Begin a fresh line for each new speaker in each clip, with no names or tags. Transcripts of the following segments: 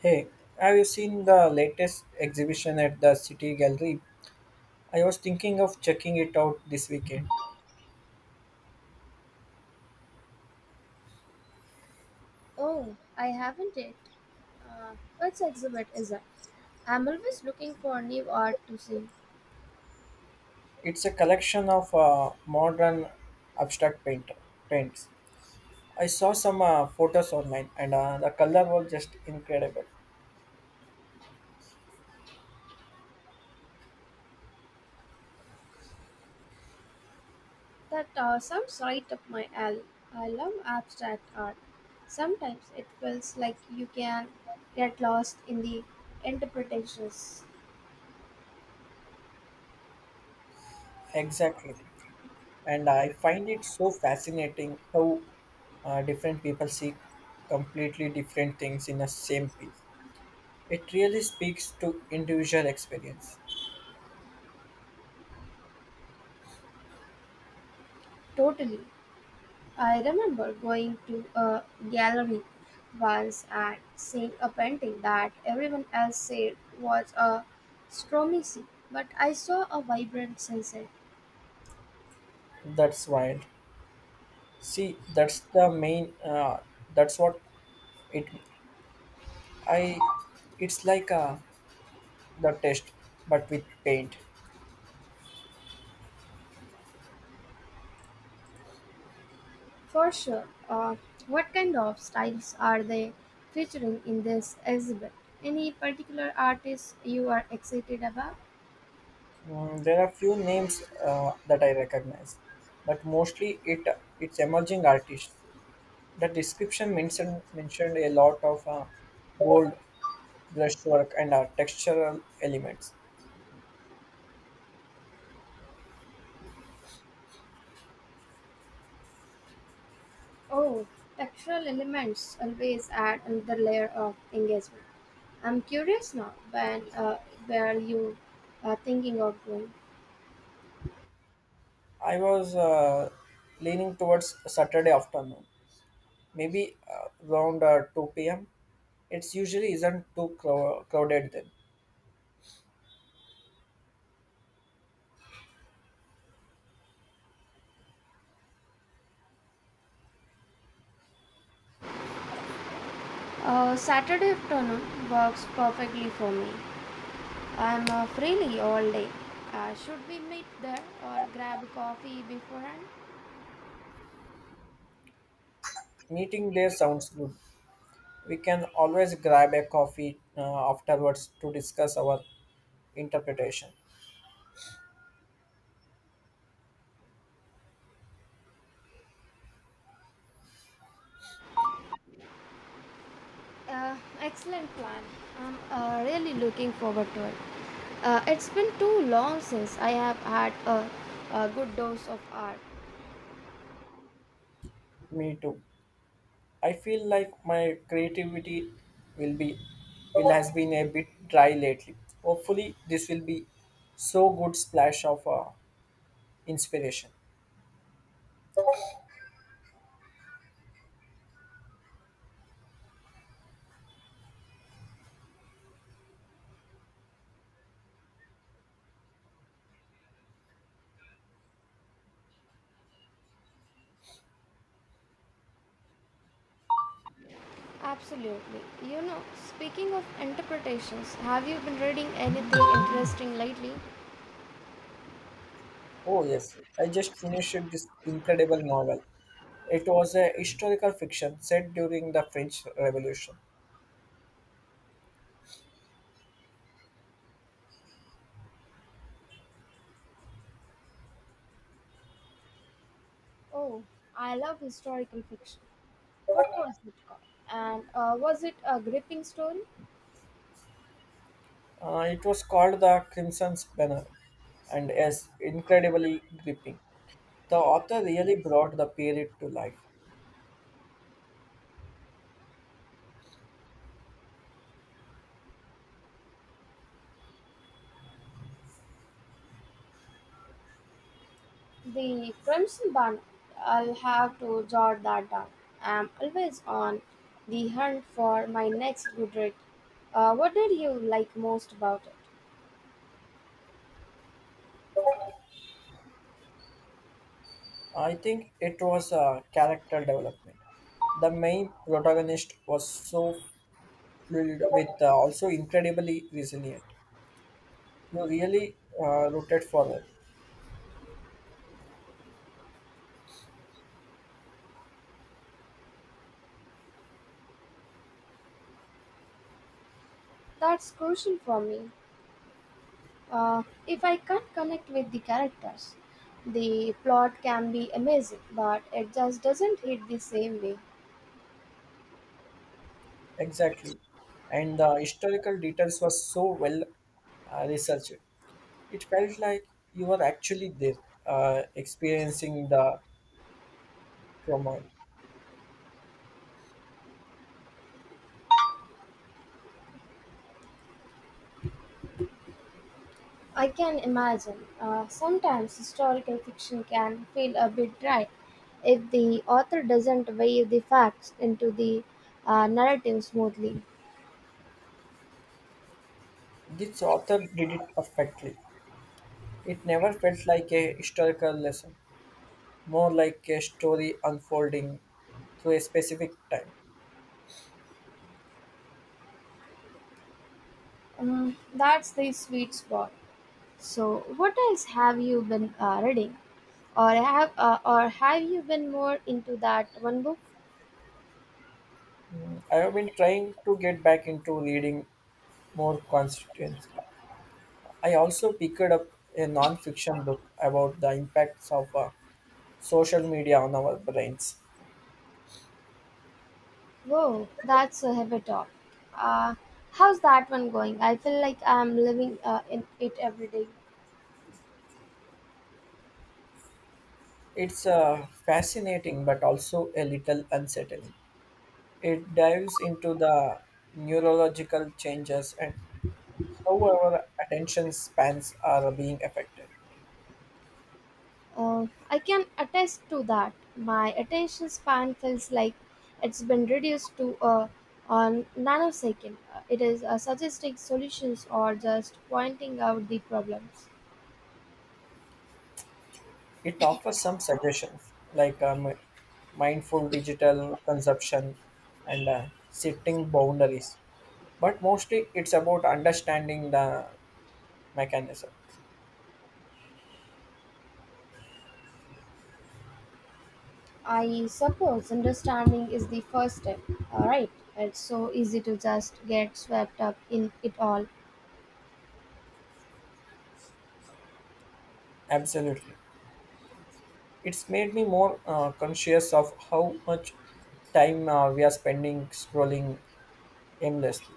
Hey, have you seen the latest exhibition at the City Gallery? I was thinking of checking it out this weekend.
Oh, I haven't yet. Uh, which exhibit is that? I'm always looking for new art to see.
It's a collection of modern abstract paints. I saw some photos online, and the color was just incredible.
That sounds right up my alley. I love abstract art. Sometimes it feels like you can get lost in the interpretations.
Exactly, and I find it so fascinating how different people see completely different things in the same piece. It really speaks to individual experience.
Totally. I remember going to a gallery once and seeing a painting that everyone else said was a stormy sea, but I saw a vibrant sunset.
That's wild. See, that's the main. That's what it. I. It's like the test, but with paint.
For sure. What kind of styles are they featuring in this exhibit? Any particular artists you are excited about?
Mm, there are few names that I recognize, but mostly it's emerging artists. The description mentioned a lot of bold brushwork and textural elements.
Oh, textural elements always add another layer of engagement. I'm curious now when where you are thinking of going.
I was leaning towards Saturday afternoon, maybe around 2 p.m. It usually isn't too crowded then.
Saturday afternoon works perfectly for me. I'm freely all day. Should we meet there or grab coffee beforehand?
Meeting there sounds good. We can always grab a coffee afterwards to discuss our interpretation.
Excellent plan. I'm really looking forward to it. It's been too long since I have had a good dose of art.
Me too. I feel like my creativity will be will has been a bit dry lately. Hopefully, this will be so good splash of inspiration.
Absolutely. You know, speaking of interpretations, have you been reading anything interesting lately?
Oh yes, I just finished this incredible novel. It was a historical fiction set during the French Revolution.
Oh, I love historical fiction. What was it called? And was it a gripping story?
It was called The Crimson Banner and is incredibly gripping. The author really brought the period to life.
The Crimson Bun. I'll have to jot that down. I'm always on the hunt for my next good read. What did you like most about it?
I think it was a character development. The main protagonist was so filled with also incredibly resilient. You really rooted for her.
That's crucial for me. If I can't connect with the characters, the plot can be amazing, but it just doesn't hit the same way.
Exactly. And the historical details were so well researched. It felt like you were actually there, experiencing the turmoil.
I can imagine. Sometimes historical fiction can feel a bit dry if the author doesn't weave the facts into the narrative smoothly.
This author did it perfectly. It never felt like a historical lesson, more like a story unfolding through a specific time.
That's the sweet spot. So, what else have you been reading, or have you been more into that one book?
I have been trying to get back into reading more constituents. I also picked up a non-fiction book about the impacts of social media on our brains.
Whoa, that's a heavy talk. Uh, How's that one going? I feel like I'm living in it every day.
It's fascinating but also a little unsettling. It dives into the neurological changes and how our attention spans are being affected.
I can attest to that. My attention span feels like it's been reduced to a nanosecond. It is suggesting solutions or just pointing out the problems.
It offers some suggestions like mindful digital consumption and setting boundaries, but mostly it's about understanding the mechanism.
I suppose understanding is the first step. All right, it's so easy to just get swept up in it all.
Absolutely. It's made me more conscious of how much time we are spending scrolling aimlessly.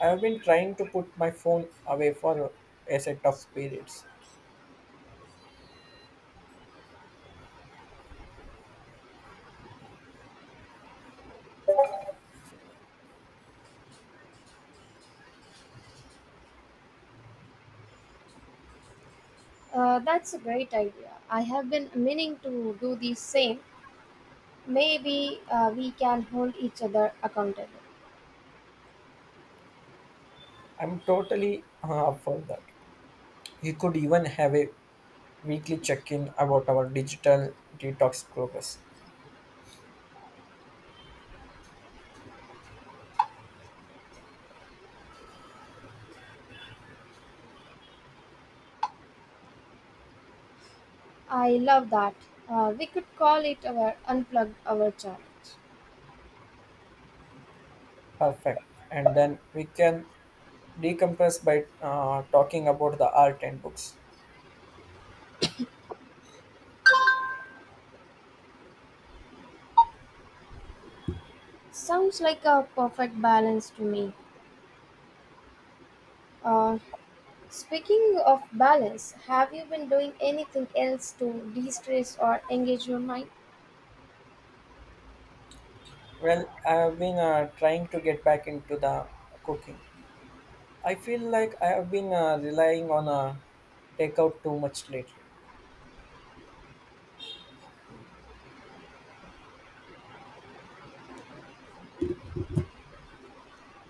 I've been trying to put my phone away for a set of periods.
That's a great idea. I have been meaning to do the same. Maybe we can hold each other accountable.
I'm totally up for that. We could even have a weekly check in about our digital detox progress.
I love that. We could call it our unplugged hour challenge.
Perfect. And then we can decompress by talking about the art and books.
Sounds like a perfect balance to me. Uh, Speaking of balance, have you been doing anything else to de stress or engage your mind?
Well, I have been trying to get back into the cooking. I feel like I have been relying on takeout too much lately.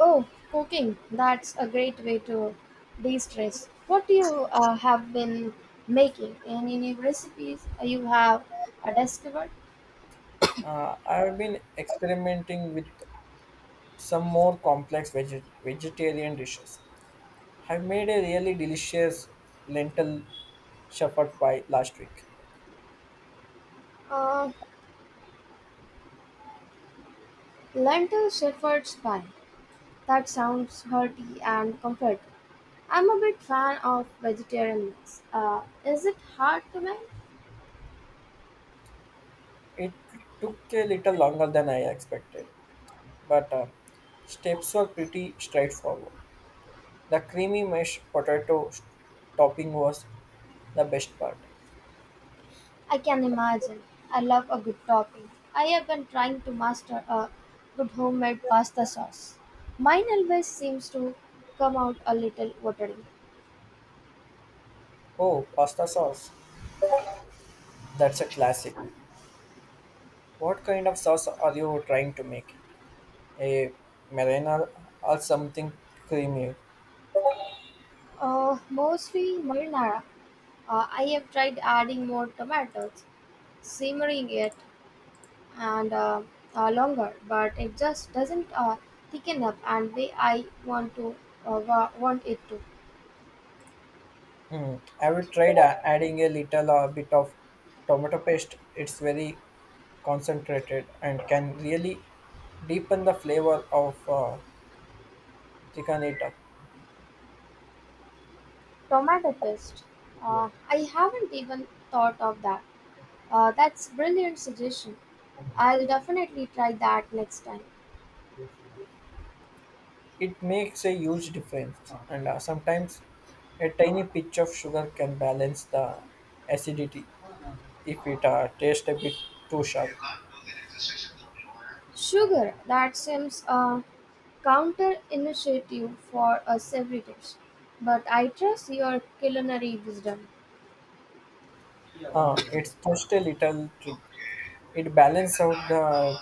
Oh, cooking. That's a great way to de stress. What do you have been making? Any new recipes you have discovered?
I have been experimenting with some more complex vegetarian dishes. I made a really delicious lentil shepherd pie last week.
Uh, Lentil shepherd's pie. That sounds hearty and comforting. I'm a big fan of vegetarian meals. Is it hard to make?
It took a little longer than I expected, but steps were pretty straightforward. The creamy mashed potato topping was the best part.
I can imagine. I love a good topping. I have been trying to master a good homemade pasta sauce. Mine always seems to come out a little watery.
Oh, pasta sauce. That's a classic. What kind of sauce are you trying to make? A marinara or something creamy?
Mostly marinara. I have tried adding more tomatoes, simmering it, and longer, but it just doesn't thicken up and way I want to want it to.
Mm. Have you tried adding a little bit of tomato paste? It's very concentrated and can really deepen the flavor of chicken it up.
Tomato paste. I haven't even thought of that. That's brilliant suggestion. I'll definitely try that next time.
It makes a huge difference, and sometimes a tiny pinch of sugar can balance the acidity if it tastes a bit too sharp.
Sugar. That seems counter initiative for a savory dish, but I trust your culinary wisdom.
It's just a little trick. It balances out the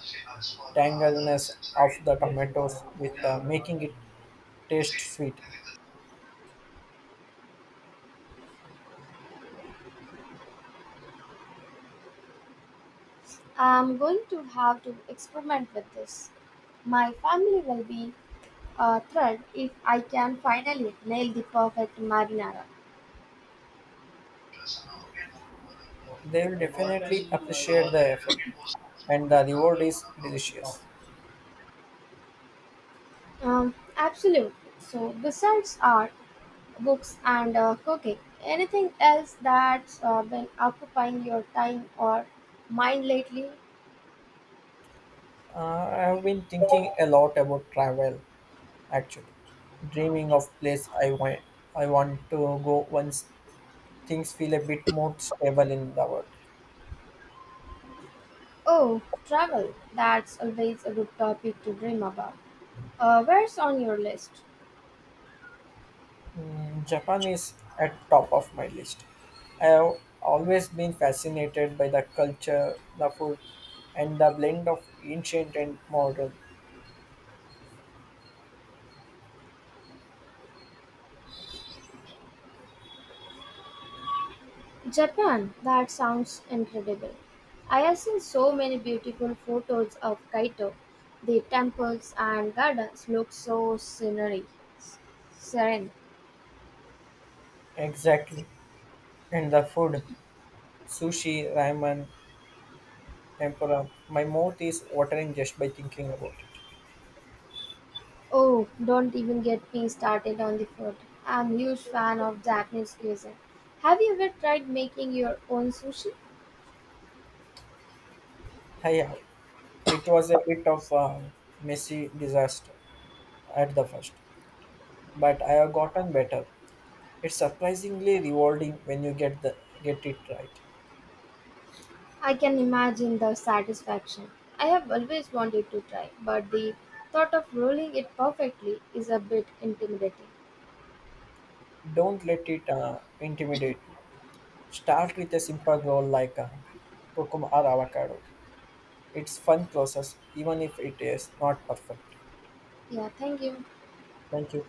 tangleness of the tomatoes with making it taste sweet.
I'm going to have to experiment with this. My family will be thread if I can finally nail the perfect marinara.
They will definitely appreciate the effort, and the reward is delicious.
Absolutely. So, besides art, books, and cooking, anything else that's been occupying your time or mind lately?
I have been thinking a lot about travel, actually, dreaming of place I want. I want to go once things feel a bit more stable in the world.
Oh, travel. That's always a good topic to dream about. Where's on your list?
Japan is at top of my list. I have always been fascinated by the culture, the food, and the blend of ancient and modern.
Japan, that sounds incredible. I have seen so many beautiful photos of Kaito. The temples and gardens look so serene.
Exactly. And the food, sushi, ramen, tempura. My mouth is watering just by thinking about it.
Oh, don't even get me started on the food. I'm a huge fan of Japanese cuisine. Have you ever tried making your own sushi?
Yeah, it was a bit of a messy disaster at the first, but I have gotten better. It's surprisingly rewarding when you get it right.
I can imagine the satisfaction. I have always wanted to try, but the thought of rolling it perfectly is a bit intimidating.
Don't let it intimidate you. Start with a simple roll like a cucumber or avocado. It's fun process, even if it is not perfect.
Yeah, thank you.
Thank you.